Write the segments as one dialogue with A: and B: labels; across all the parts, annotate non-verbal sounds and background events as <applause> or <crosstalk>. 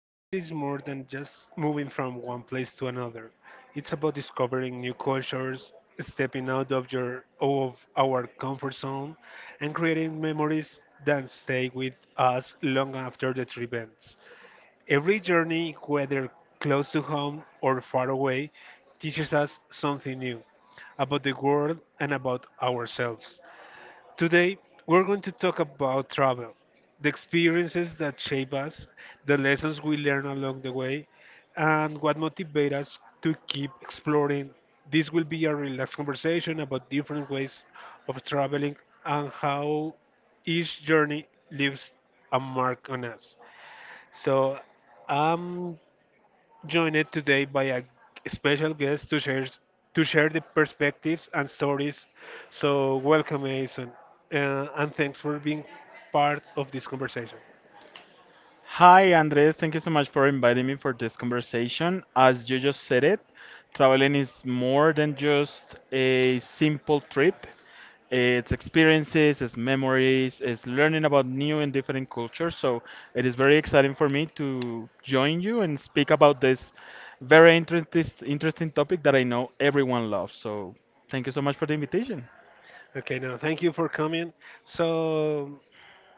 A: travel is more than just moving from one place to another. It's about discovering new cultures, stepping out of your of our comfort zone, and creating memories that stay with us long after the trip ends. Every journey, whether close to home or far away, teaches us something new about the world and about ourselves. Today, we're going to talk about travel, the experiences that shape us, the lessons we learn along the way, and what motivates us to keep exploring. This will be a relaxed conversation about different ways of traveling and how each journey leaves a mark on us. So, I'm joined today by a special guest to share the perspectives and stories. So welcome, Mason, and thanks for being part of this conversation.
B: Hi, Andres. Thank you so much for inviting me for this conversation. As you just said it, traveling is more than just a simple trip. It's experiences, it's memories, it's learning about new and different cultures. So it is very exciting for me to join you and speak about this very interesting topic that I know everyone loves. So thank you so much for the invitation.
A: Okay, now thank you for coming. So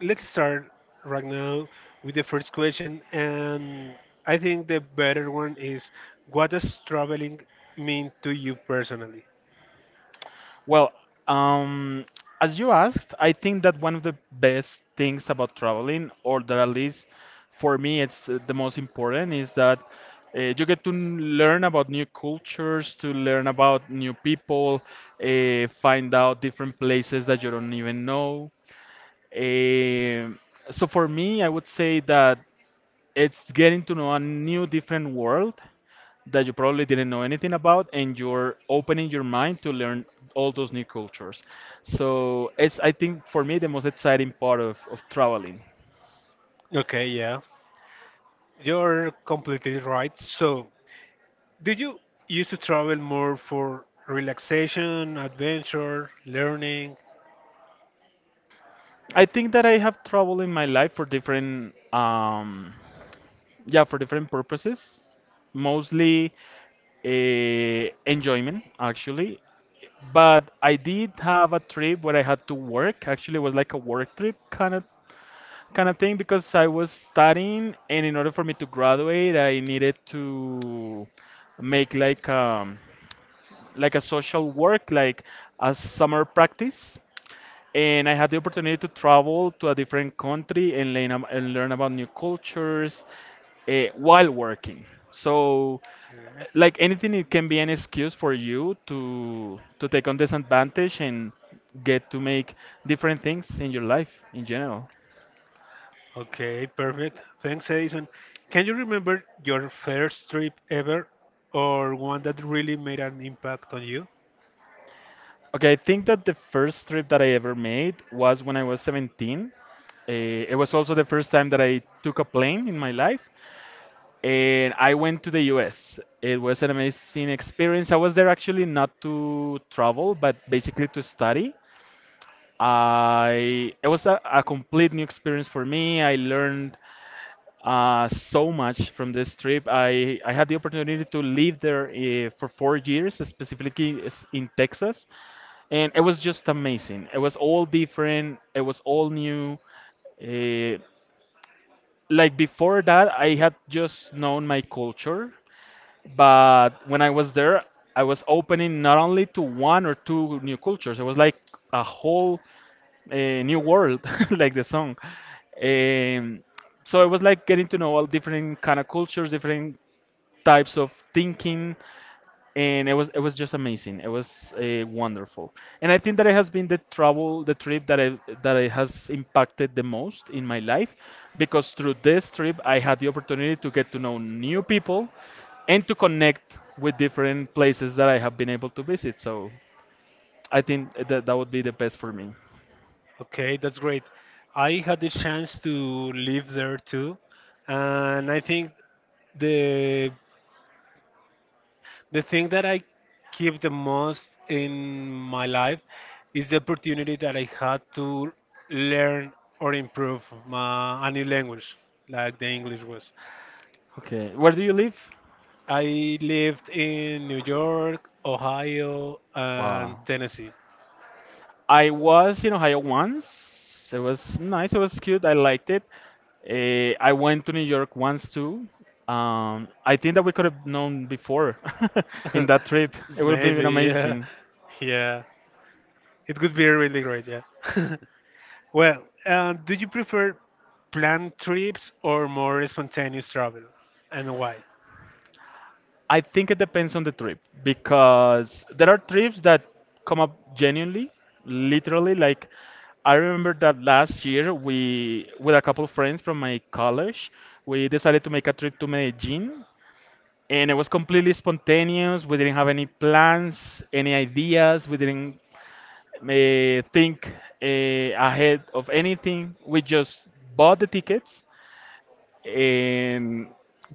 A: let's start right now with the first question, and I think the better one is, what does traveling mean to you personally?
B: Well, um, as you asked, I think that one of the best things about traveling, or that at least for me it's the most important, is that you get to learn about new cultures, to learn about new people, find out different places that you don't even know. Um so for me, I would say that it's getting to know a new different world that you probably didn't know anything about and you're opening your mind to learn all those new cultures, so it's I think for me the most exciting part of traveling.
A: Okay, yeah, you're completely right. So do you used to travel more for relaxation, adventure, learning?
B: I think that I have traveled in my life for different yeah, for different purposes, mostly enjoyment actually. But I did have a trip where I had to work. Actually, it was like a work trip, kind of thing, because I was studying, and in order for me to graduate, I needed to make like a social work, like a summer practice. And I had the opportunity to travel to a different country and learn about new cultures while working. So,
A: Uh,
B: like anything, it can be an excuse for you to take on this advantage and get to make different things in your life in general.
A: Okay, perfect. Thanks, Edison. Can you remember your first trip ever or one that really made an impact on you?
B: Okay, I think that the first trip that I ever made was when I was 17. It was also the first time that I took a plane in my life, and I went to the US. It was an amazing experience. I was there actually not to travel, but basically to study. I it was a complete new experience for me. I learned so much from this trip. I had the opportunity to live there for 4 years, specifically in Texas, and it was just amazing. It was all different, it was all new. Uh, like before that, I had just known my culture. But when I was there, I was opening not only to one or two new cultures. It was like a whole new world, <laughs> like the song. Um, so it was like getting to know all different kind of cultures, different types of thinking, and it was just amazing. It was wonderful, and I think that it has been the trip that it has impacted the most in my life, because through this trip I had the opportunity to get to know new people, and to connect with different places that I have been able to visit. So I think that that would be the best for me.
A: Okay, that's great. I had the chance to live there too, and I think the The thing that I keep the most in my life is the opportunity that I had to learn or improve a new language, like the English was.
B: Okay, where do you live?
A: I lived in New York, Ohio, and
B: Wow.
A: Tennessee.
B: I was in Ohio once. It was nice. It was cute. I liked it. I went to New York once too. I think that we could have known before <laughs> in that
A: <laughs>
B: trip. It would have been
A: Maybe, yeah.
B: amazing.
A: Yeah. It could be really great, yeah. <laughs> Well, do you prefer planned trips or more spontaneous travel, and why?
B: I think it depends on the trip because there are trips that come up genuinely, literally. Like I remember that last year we, with a couple of friends from my college, we decided to make a trip to Medellin, and it was completely spontaneous. We didn't have any plans, any ideas. We didn't think uh, ahead of anything. We just bought the tickets, and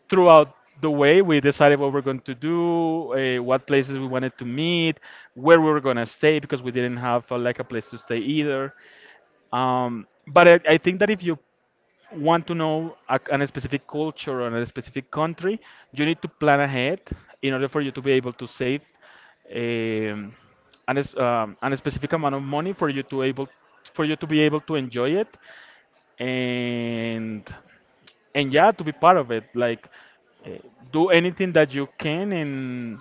B: throughout the way we decided what we're going to do, what places we wanted to meet, where we were going to stay, because we didn't have like a place to stay either. But I think that if you want to know an specific culture or a specific country, you need to plan ahead in order for you to be able to save um, an specific amount of money for you to be able to enjoy it, and and yeah, to be part of it, like uh, do anything that you can,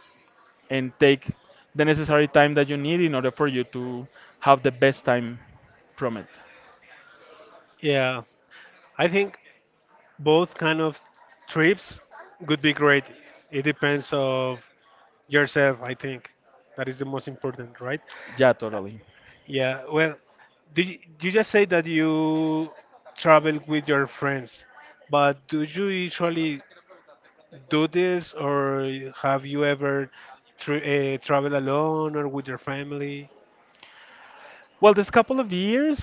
B: and take the necessary time that you need in order for you to have the best time from it.
A: Yeah, I think both kind of trips would be great. It depends of yourself. I think that is the most important, right?
B: Yeah, totally.
A: Yeah. Well, you just say that you travel with your friends, but do you usually do this, or have you ever tr travel alone or with your family?
B: Well, this couple of years,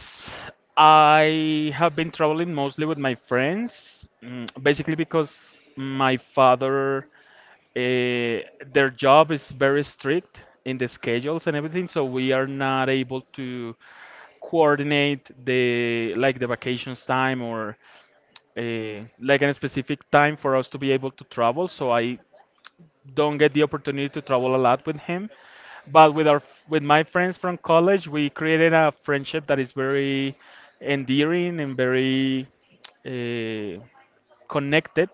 B: I have been traveling mostly with my friends, mm, basically because my father, their job is very strict in the schedules and everything, so we are not able to coordinate the like the vacations time or like a specific time for us to be able to travel. So I don't get the opportunity to travel a lot with him. But with my friends from college, we created a friendship that is very endearing and very uh, connected.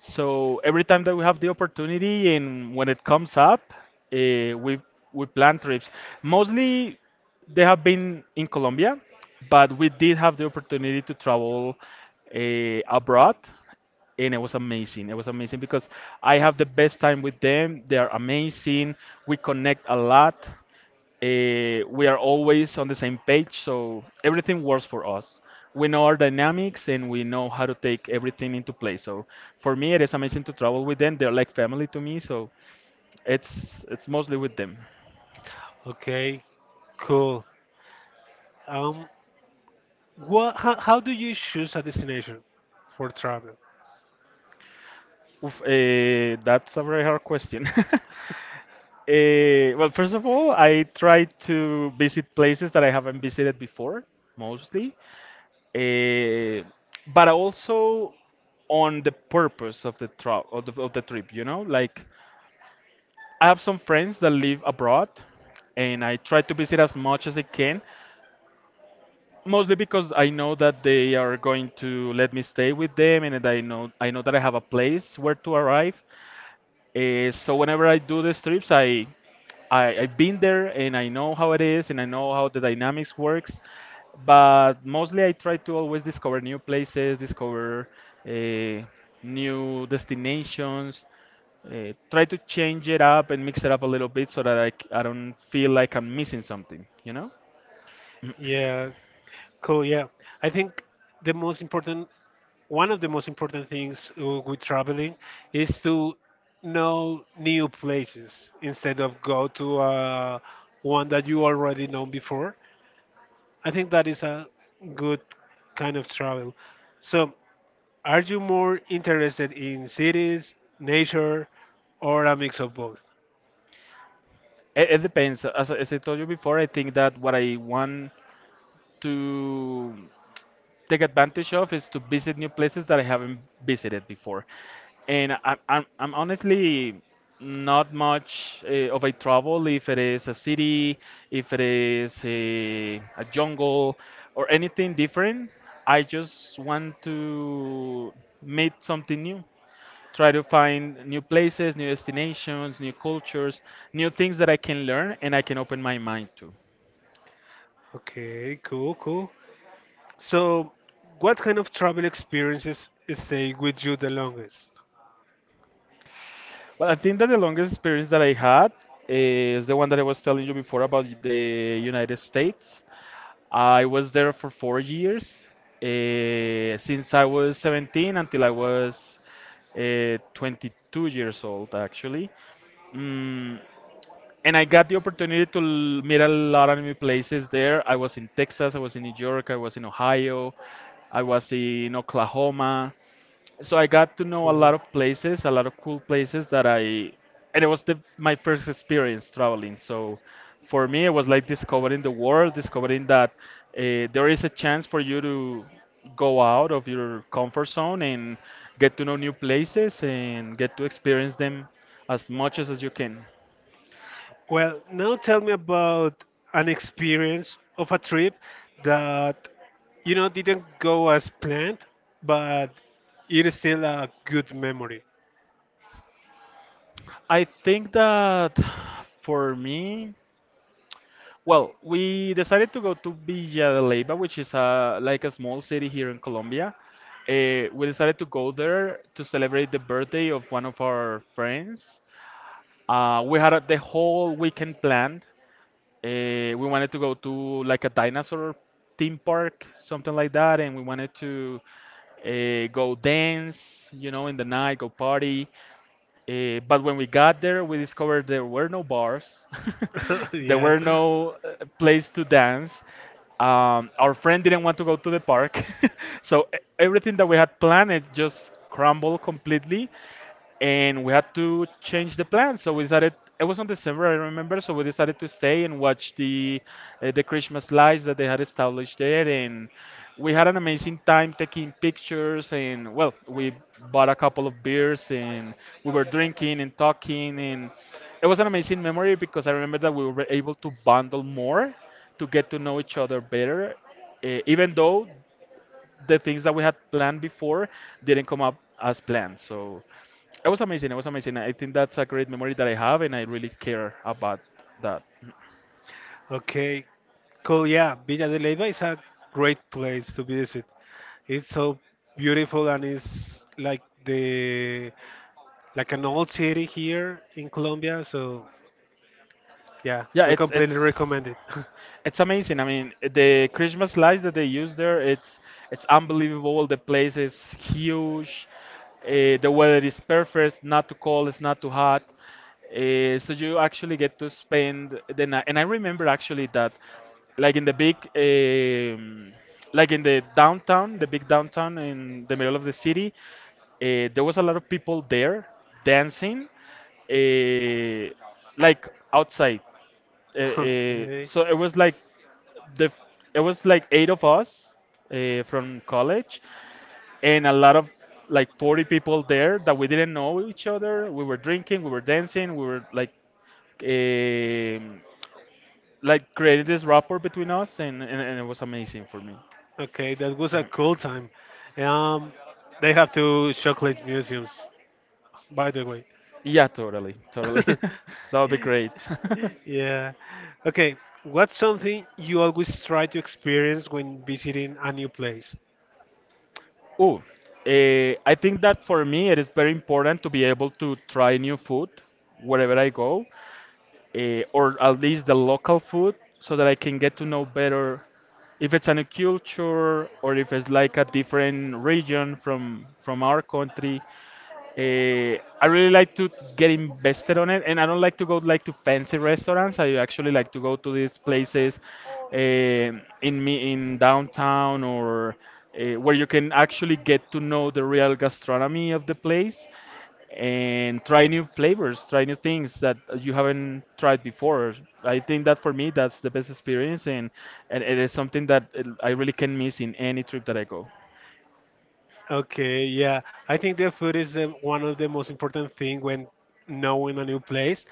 B: So every time that we have the opportunity and when it comes up, uh, we we plan trips. Mostly they have been in Colombia, but we did have the opportunity to travel abroad, and it was amazing. It was amazing because I have the best time with them. They are amazing. We connect a lot. We are always on the same page, so everything works for us. We know our dynamics and we know how to take everything into place. So for me, it is amazing to travel with them. They're like family to me, so it's mostly with them.
A: Okay. Cool. Um, what? How do you choose a destination for travel?
B: Oof, that's a very hard question. <laughs> Eh, well, first of all, I try to visit places that I haven't visited before, mostly. Eh, but also on the purpose of the, tra- of the trip, you know? Like, I have some friends that live abroad, and I try to visit as much as I can, mostly because I know that they are going to let me stay with them, and I know that I have a place where to arrive. So whenever I do the trips, I've been there and I know how it is and I know how the dynamics works. But mostly, I try to always discover new places, discover uh, new destinations, try to change it up and mix it up a little bit so that I don't feel like I'm missing something, you know?
A: Yeah. Cool. Yeah. I think the most important, one of the most important things with traveling is to know new places instead of go to one that you already know before. I think that is a good kind of travel. So, are you more interested in cities, nature, or a mix of both?
B: It depends. As I told you before, I think that what I want to take advantage of is to visit new places that I haven't visited before. And I'm honestly not much of a travel if it is a city, if it is a jungle, or anything different. I just want to meet something new, try to find new places, new destinations, new cultures, new things that I can learn and I can open my mind to.
A: Okay, cool. So, what kind of travel experiences stay with you the longest?
B: Well, I think that the longest experience that I had, is the one that I was telling you before about the United States. I was there for 4 years, since I was 17 until I was 22 years old, actually. Mm, and I got the opportunity to meet a lot of new places there. I was in Texas, I was in New York, I was in Ohio, I was in Oklahoma. So I got to know a
A: Cool.
B: lot of places, a lot of cool places that I, and it was the, my first experience traveling. So for me, it was like discovering the world, discovering that there is a chance for you to go out of your comfort zone and get to know new places and get to experience them as much as you can.
A: Well, now tell me about an experience of a trip that you know didn't go as planned, but it is still a good memory. <laughs>
B: I think that <sighs> for me, well, we decided to go to Villa de Leyva, which is a, like a small city here in Colombia. We decided to go there to celebrate the birthday of one of our friends. We had a, the whole weekend planned. We wanted to go to like a dinosaur theme park, something like that, and we wanted to go dance, you know, in the night, go party. But when we got there, we discovered there were no bars, <laughs> there
A: Yeah.
B: were no place to dance. Our friend didn't want to go to the park, <laughs> so everything that we had planned it just crumbled completely, and we had to change the plan. So we decided, it was on December, I remember. So we decided to stay and watch the Christmas lights that they had established there, and we had an amazing time taking pictures. And well, we bought a couple of beers, and we were drinking and talking, and it was an amazing memory because I remember that we were able to bundle more to get to know each other better. Even though the things that we had planned before didn't come up as planned. So it was amazing. It was amazing. I think that's a great memory that I have, and I really care about that.
A: Okay, cool. Yeah, Villa de Leyva is a great place to visit. It's so beautiful and it's like the like an old city here in Colombia. So yeah,
B: Yeah,
A: we
B: it's
A: completely
B: it's.
A: recommend it.
B: It's amazing. I mean, the Christmas lights that they use there, it's unbelievable. The place is huge. The weather is perfect. It's not too cold. It's not too hot. So you actually get to spend the night. And I remember actually that, like in the big, like in the downtown, the big downtown in the middle of the city, there was a lot of people there dancing, uh, like outside uh,
A: <laughs>
B: uh,
A: Okay.
B: so it was like the f- it was like eight of us from college and a lot of like 40 people there that we didn't know each other, we were drinking, we were dancing, we were um like created this rapport between us, and it was amazing for me.
A: Okay, that was a cool time. Um, they have two chocolate museums, by the way.
B: Yeah, totally. <laughs>
A: <laughs>
B: That would be great.
A: Yeah. Okay, what's something you always try to experience when visiting a new place?
B: <laughs> Oh, I think that for me it is very important to be able to try new food wherever I go, or at least the local food so that I can get to know better if it's a new culture or if it's like a different region from our country. I really like to get invested on it, and I don't like to go like to fancy restaurants. I actually like to go to these places in downtown, or where you can actually get to know the real gastronomy of the place and try new flavors, try new things that you haven't tried before. I think that for me, that's the best experience, and it is something that I really can miss in any trip that I go.
A: Okay, yeah. I think the food is one of the most important thing when knowing a new place.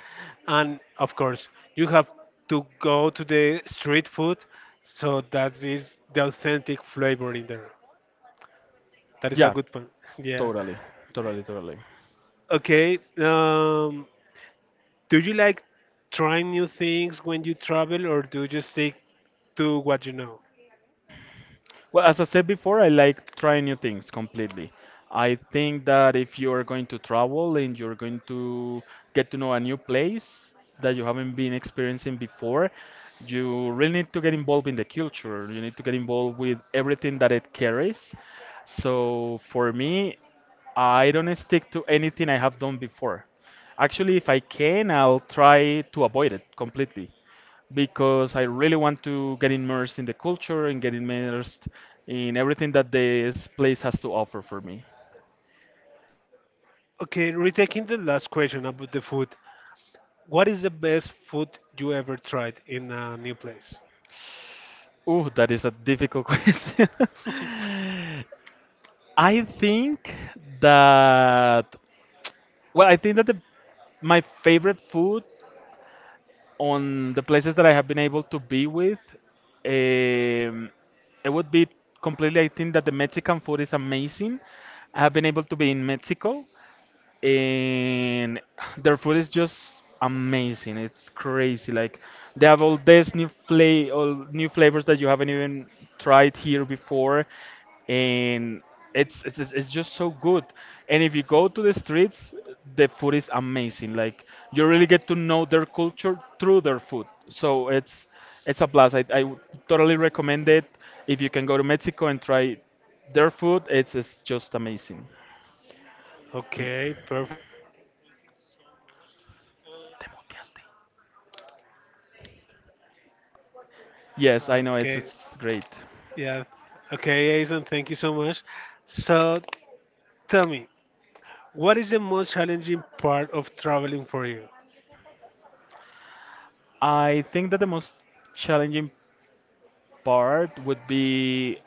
A: And of course, you have to go to the street food, so that is the authentic flavor in there. That is a
B: Yeah,
A: good one. <laughs> Yeah.
B: totally, totally, totally.
A: Okay. Do you like trying new things when you travel, or do you just stick to what you know?
B: Well, as I said before, I like trying new things completely. I think that if you are going to travel and you're going to get to know a new place that you haven't been experiencing before, you really need to get involved in the culture. You need to get involved with everything that it carries. So for me, I don't stick to anything I have done before. Actually, if I can, I'll try to avoid it completely because I really want to get immersed in the culture and get immersed in everything that this place has to offer for me.
A: Okay, retaking the last question about the food. What is the best food you ever tried in a new place?
B: Ooh, that is a difficult <laughs> question.
A: <laughs>
B: I think that well, I think that my favorite food on the places that I have been able to be with, um, it would be completely. I think that the Mexican food is amazing. I have been able to be in Mexico, and their food is just amazing. It's crazy. Like they have all new flavors that you haven't even tried here before, and it's just so good. And if you go to the streets, the food is amazing. Like you really get to know their culture through their food. So it's a blast. I would totally recommend it. If you can go to Mexico and try their food, it's just amazing.
A: Okay, perfect.
B: Te muteaste. Yes, I know it's
A: Okay,
B: it's great.
A: yeah. Okay, Jason, thank you so much. So, tell me, what is the most challenging part of traveling for you?
B: I think that the most challenging part would be.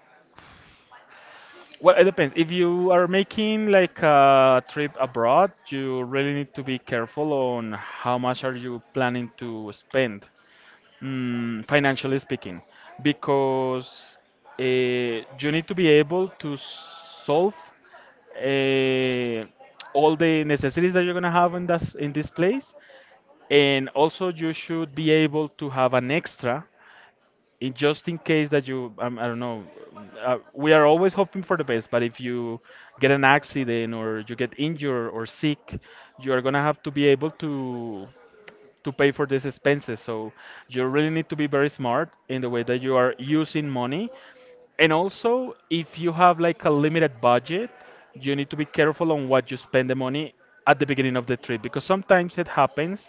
B: Well, it depends. If you are making like a trip abroad, you really need to be careful on how much are you planning to spend, mm, financially speaking, because you need to be able to solve uh, all the necessities that you're gonna have in this place, and also you should be able to have an extra in, just in case that you I don't know, we are always hoping for the best, but if you get an accident or you get injured or sick, you are going to have to be able to pay for these expenses. So you really need to be very smart in the way that you are using money, and also, if you have like a limited budget, you need to be careful on what you spend the money at the beginning of the trip, because sometimes it happens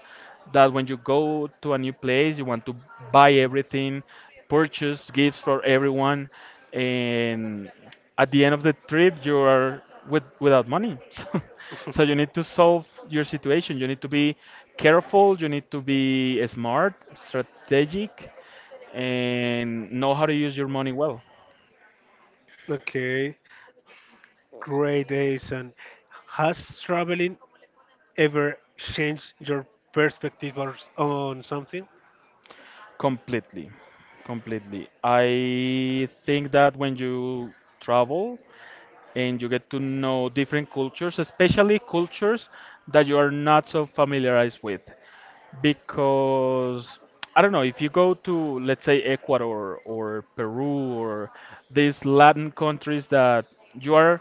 B: that when you go to a new place, you want to buy everything, purchase gifts for everyone, and at the end of the trip, you are with, without money. <laughs> So, so you need to solve your situation. You need to be careful, you need to be smart, strategic, and know how to use your money well.
A: Okay. Great days. And has traveling ever changed your perspective on something? <laughs>
B: Completely, completely. I think that when you travel and you get to know different cultures, especially cultures that you are not so familiarized with, because I don't know, if you go to, let's say, Ecuador or Peru or these Latin countries that you are,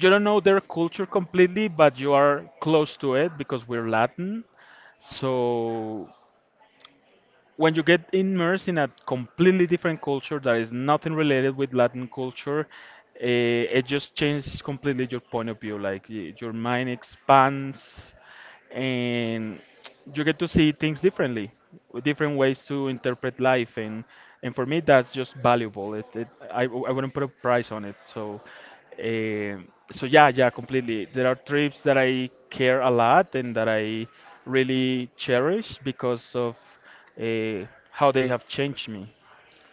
B: you don't know their culture completely, but you are close to it because we're Latin. So when you get immersed in a completely different culture that is nothing related with Latin culture, eh, it just changes completely your point of view. Like your mind expands, and you get to see things differently, with different ways to interpret life. And for me, that's just valuable. It I wouldn't put a price on it. So. Um, so yeah, yeah, completely. There are trips that I care a lot and that I really cherish because of uh, how they have changed me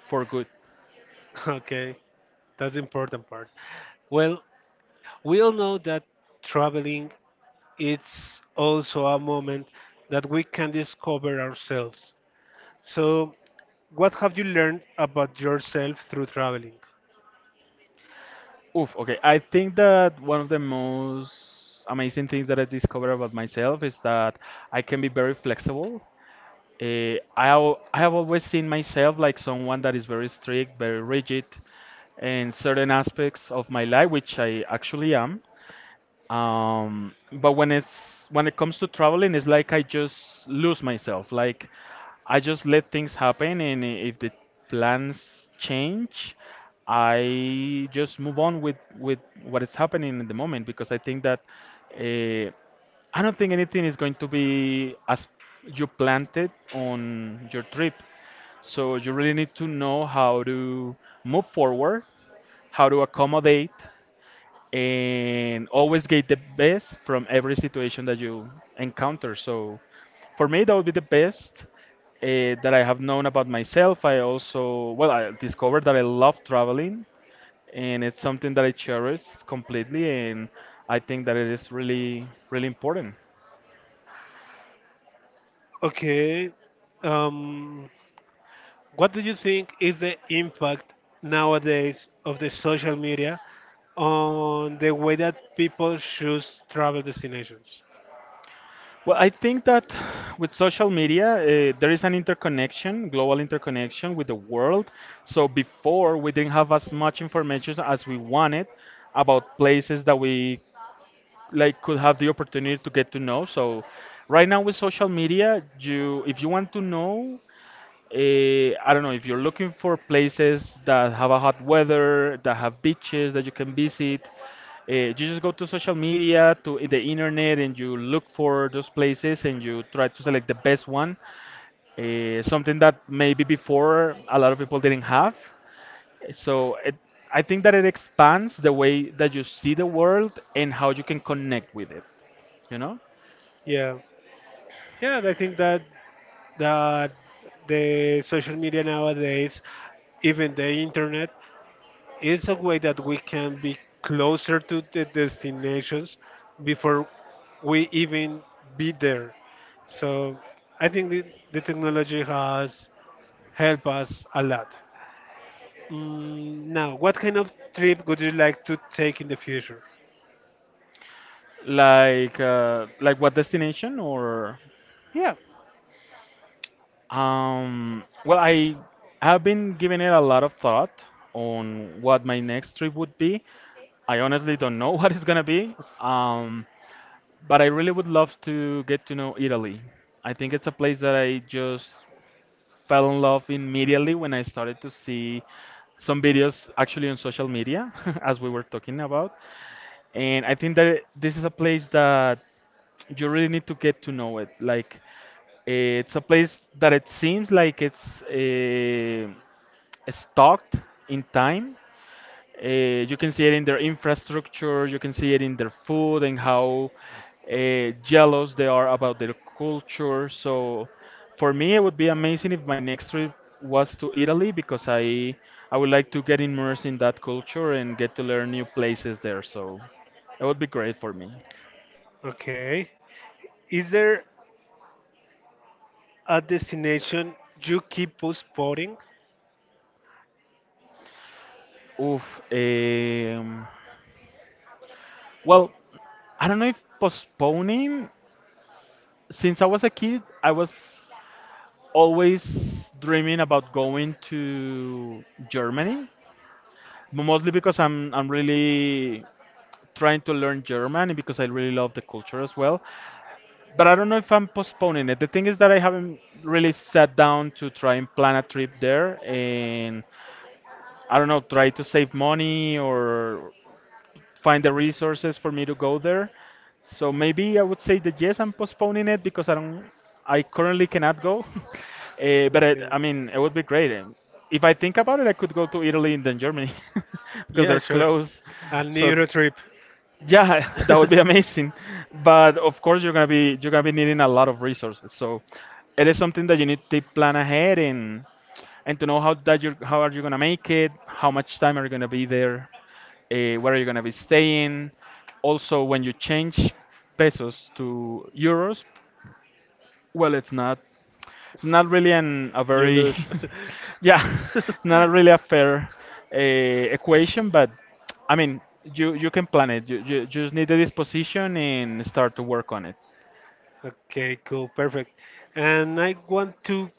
B: for good.
A: Okay, that's the important part. Well, we all know that traveling it's also a moment that we can discover ourselves. So, what have you learned about yourself through traveling?
B: Oof, okay. I think that one of the most amazing things that I discovered about myself is that I can be very flexible. I have always seen myself like someone that is very strict, very rigid in certain aspects of my life, which I actually am. Um, but when it comes to traveling, it's like I just lose myself. Like I just let things happen, and if the plans change, I just move on with what is happening in the moment, because I think that uh, I don't think anything is going to be as you planned it on your trip, so you really need to know how to move forward, how to accommodate, and always get the best from every situation that you encounter. So for me, that would be the best that I have known about myself. I also, well, I discovered that I love traveling and it's something that I cherish completely, and I think that it is really, really important.
A: Okay, um, what do you think is the impact nowadays of the social media on the way that people choose travel destinations?
B: Well, I think that with social media, there is an interconnection, global interconnection with the world. So before, we didn't have as much information as we wanted about places that we like could have the opportunity to get to know. So right now with social media, you, if you want to know. Eh, I don't know, if you're looking for places that have a hot weather, that have beaches that you can visit. You just go to social media, to the internet, and you look for those places and you try to select the best one. Something that maybe before a lot of people didn't have. So it, I think that it expands the way that you see the world and how you can connect with it. You know,
A: Yeah, yeah, I think that the social media nowadays, even the internet, is a way that we can be closer to the destinations before we even be there. So I think the technology has helped us a lot. Mm, now, what kind of trip would you like to take in the future?
B: like what destination or?
A: Yeah.
B: Well, I have been giving it a lot of thought on what my next trip would be. I honestly don't know <laughs> what it's gonna be, but I really would love to get to know Italy. I think it's a place that I just fell in love immediately when I started to see some videos actually on social media, <laughs> as we were talking about. And I think that this is a place that you really need to get to know it. Like, it's a place that it seems like it's stuck in time. You can see it in their infrastructure, you can see it in their food and how jealous they are about their culture. So for me, it would be amazing if my next trip was to Italy, because I would like to get immersed in that culture and get to learn new places there. So it would be great for me.
A: Okay. Is there a destination you keep postponing?
B: Oof. Um, well, I don't know if postponing. Since I was a kid, I was always dreaming about going to Germany, mostly because I'm really trying to learn German and because I really love the culture as well. But I don't know if I'm postponing it. The thing is that I haven't really sat down to try and plan a trip there, and I don't know, try to save money or find the resources for me to go there. So maybe I would say that yes, I'm postponing it because I don't, I currently cannot go. <laughs> But
A: Okay.
B: I mean, it would be great. If I think about it, I could go to Italy and then Germany <laughs> because
A: Yeah,
B: they're
A: sure.
B: close.
A: A
B: So
A: Euro trip.
B: yeah, <laughs> that
A: <laughs>
B: would be amazing. But of course, you're gonna be needing a lot of resources. So it is something that you need to plan ahead and to know how that you are how are you gonna make it, how much time are you gonna be there where are you going to be staying. Also, when you change pesos to euros, well, it's not really an a
A: You
B: very
A: lose.
B: <laughs> yeah,
A: <laughs>
B: <laughs> not really a fair equation, but I mean, you can plan it. You just need the disposition and start to work on it.
A: Okay, perfect. And I want to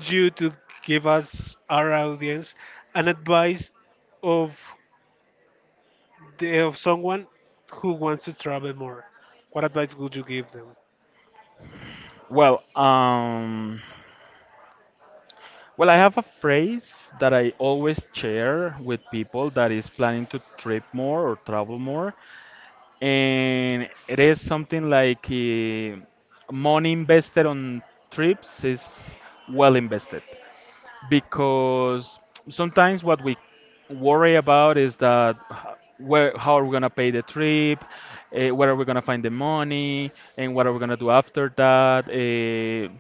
A: you to give us, our audience, an advice of, of someone who wants to travel more? What advice would you give them?
B: Well, well, I have a phrase that I always share with people that is planning to trip more or travel more, and it is something like money invested on trips is well invested because sometimes what we worry about is that where how are we going to pay the trip, where are we going to find the money and what are we going to do after that.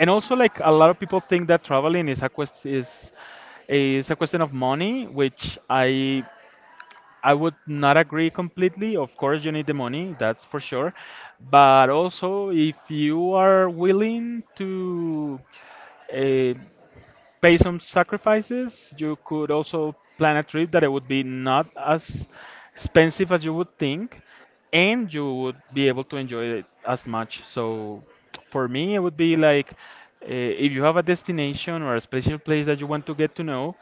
B: And also, like, a lot of people think that traveling is a quest is a question of money, which I would not agree completely. Of course, you need the money, that's for sure. But also, if you are willing to uh, pay some sacrifices, you could also plan a trip that it would be not as expensive as you would think, and you would be able to enjoy it as much. So, for me, it would be like, if you have a destination or a special place that you want to get to know,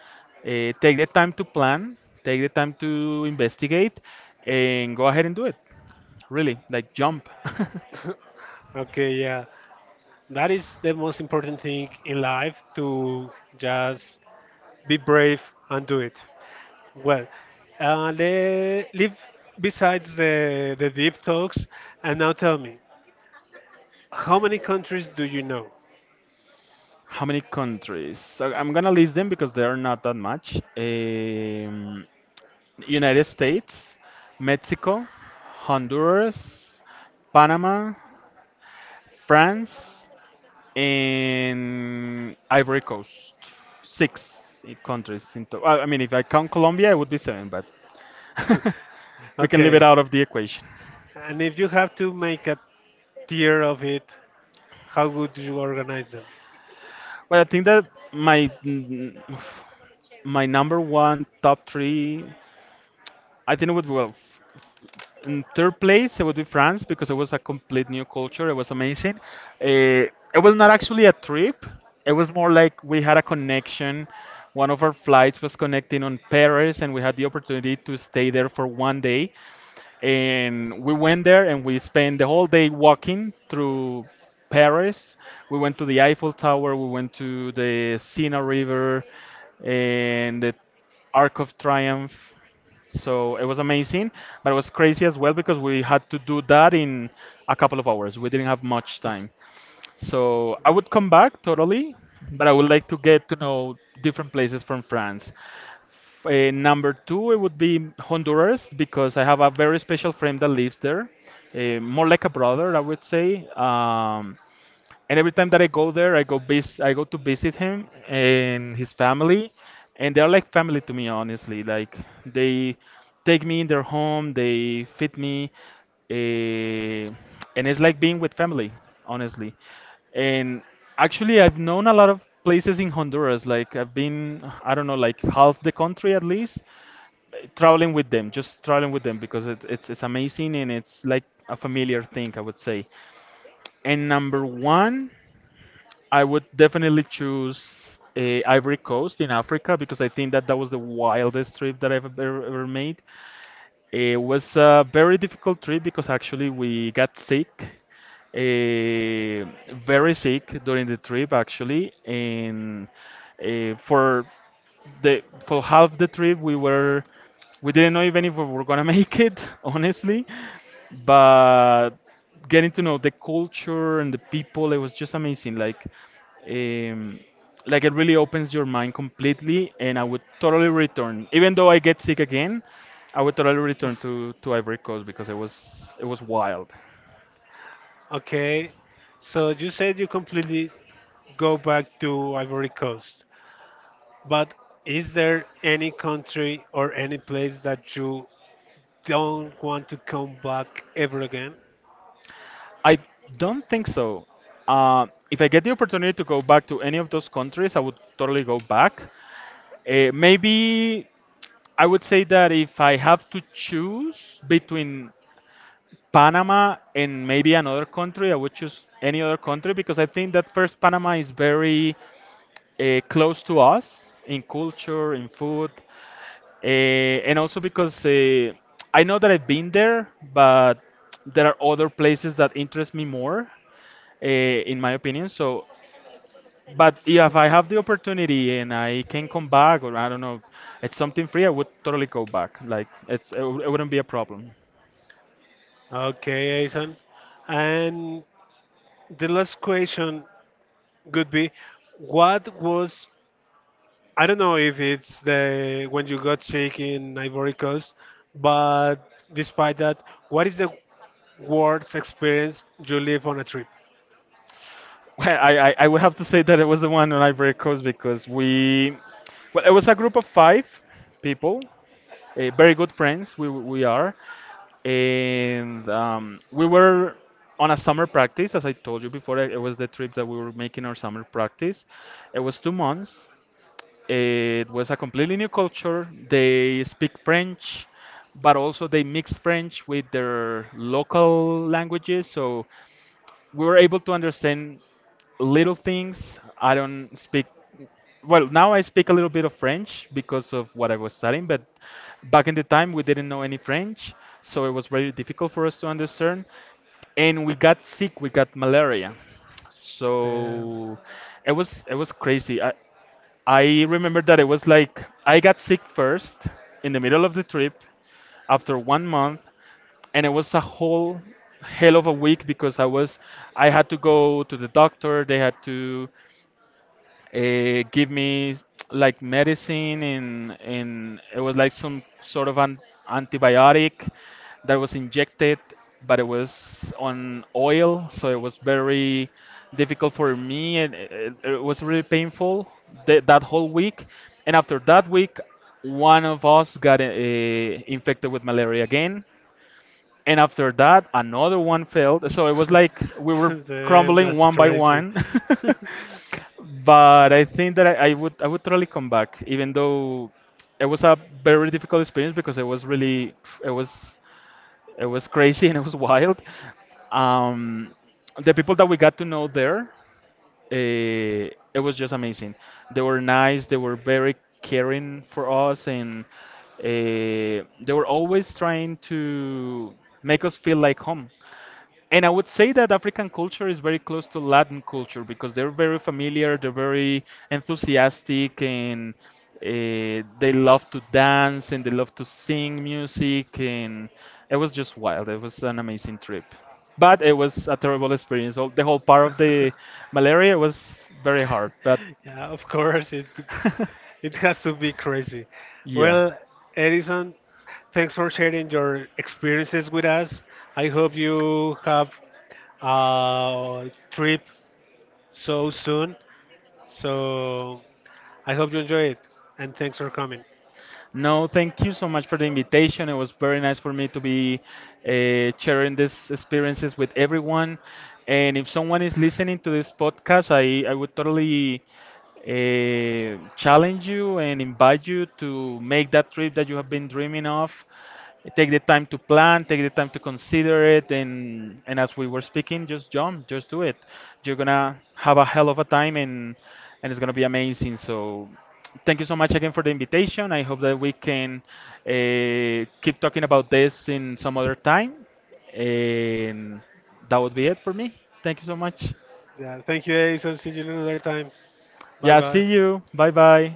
B: take the time to plan, take the time to investigate, and go ahead and do it. Really, like, jump. <laughs>
A: <laughs> Okay, yeah. That is the most important thing in life to just be brave and do it. Well, leave besides the deep talks and now tell me, how many countries do you know?
B: How many countries? So I'm gonna list them because they are not that much. United States, Mexico, Honduras, Panama, France, and Ivory Coast. Six countries in. I mean, if I count Colombia, it would be seven, but
A: <laughs>
B: <laughs> we can leave
A: Okay.
B: it out of the equation.
A: And if you have to make a tier of it, how would you organize them?
B: Well, I think that my mm, my number one top three, I think it would in third place, it would be France because it was a complete new culture. It was amazing. It was not actually a trip. It was more like we had a connection. One of our flights was connecting on Paris, and we had the opportunity to stay there for one day, and we went there and we spent the whole day walking through Paris. We went to the Eiffel Tower, we went to the Sena River and the Arc of Triumph. So it was amazing, but it was crazy as well because we had to do that in a couple of hours. We didn't have much time.
A: <laughs>
B: So I would come back totally, but I would like to get to know different places from France. Number two, it would be Honduras because I have a very special friend that lives there, more like a brother, I would say. And every time that I go there, I go to visit him and his family, and they're like family to me, honestly. Like, they take me in their home, they feed me, uh, and it's like being with family, honestly. And actually, I've known a lot of places in Honduras. Like, I've been, I don't know, like half the country at least, traveling with them, because it's amazing and it's like a familiar thing, I would say. And number one, I would definitely choose Ivory Coast in Africa because I think that that was the wildest trip that I've ever, ever made. It was a very difficult trip because actually we got sick, very sick during the trip actually, and for the for half the trip we didn't know even if we were gonna make it, <laughs> honestly, but getting to know the culture and the people, it was just amazing. Like, um, like, it really opens your mind completely, and I would totally return. Even though I get sick again, I would totally return to Ivory Coast because it was wild.
A: Okay, so you said you completely go back to Ivory Coast, but is there any country or any place that you don't want to come back ever again?
B: I don't think so. If I get the opportunity to go back to any of those countries, I would totally go back. Maybe I would say that if I have to choose between Panama and maybe another country, I would choose any other country because I think that first, Panama is very close to us in culture, in food, uh, and also because I know that I've been there, but there are other places that interest me more, in my opinion. So, but if I have the opportunity and I can come back, or I don't know, it's something free, I would totally go back. Like, it wouldn't be a problem.
A: Okay, Aison. And the last question would be, what was I don't know if it's the when you got sick in Ivory Coast, but despite that, what is the worst experience you live on a trip?
B: Well, I would have to say that it was the one on Ivory Coast because well, it was a group of five people, very good friends we are, and we were on a summer practice, as I told you before. It was the trip that we were making our summer practice. It was two months. It was a completely new culture. They speak French, but also they mix French with their local languages. So we were able to understand little things. I don't speak well now. I speak a little bit of French because of what I was studying, but back in the time we didn't know any French, so it was very difficult for us to understand. And we got sick. We got malaria,
A: Damn,
B: so it was crazy. I remember that it was like I got sick first in the middle of the trip after one month, and it was a whole hell of a week because I had to go to the doctor. They had to give me like medicine, and it was like some sort of an antibiotic that was injected, but it was on oil, so it was very difficult for me, and it was really painful that whole week. And after that week, one of us got infected with malaria again, and after that another one failed, so it was like we
A: <laughs>
B: were
A: damn
B: crumbling
A: that's
B: one by
A: crazy.
B: one. <laughs> But I think that I would I would totally come back, even though it was a very difficult experience, because it was really it was it was crazy and it was <laughs> wild. Um, the people that we got to know there, it was just amazing. They were nice. They were very caring for us, and they were always trying to make us feel like home. And I would say that African culture is very close to Latin culture because they're very familiar, they're very enthusiastic, and they love to dance and they love to sing music. And it was just wild. It was an amazing trip, but it was a terrible experience. The whole part of the
A: <laughs>
B: malaria was very hard, but
A: <laughs> Yeah, of course it
B: <laughs>
A: it has to be crazy.
B: yeah.
A: Well, Edison, thanks for sharing your experiences with us. I hope you have a trip so soon. So I hope you enjoy it and thanks for coming.
B: No, thank you so much for the invitation. It was very nice for me to be sharing these experiences with everyone. And if someone is listening to this podcast, I would totally challenge you and invite you to make that trip that you have been dreaming of. Take the time to plan, take the time to consider it, and as we were speaking, just jump, just do it. You're gonna have a hell of a time, and it's gonna be amazing. So. Thank you so much again for the invitation. I hope that we can keep talking about this in some other time. And that would be it for me. Thank you so much.
A: Yeah, thank you, Edison. See you another time. Bye
B: Yeah, see
A: bye.
B: you. Bye bye.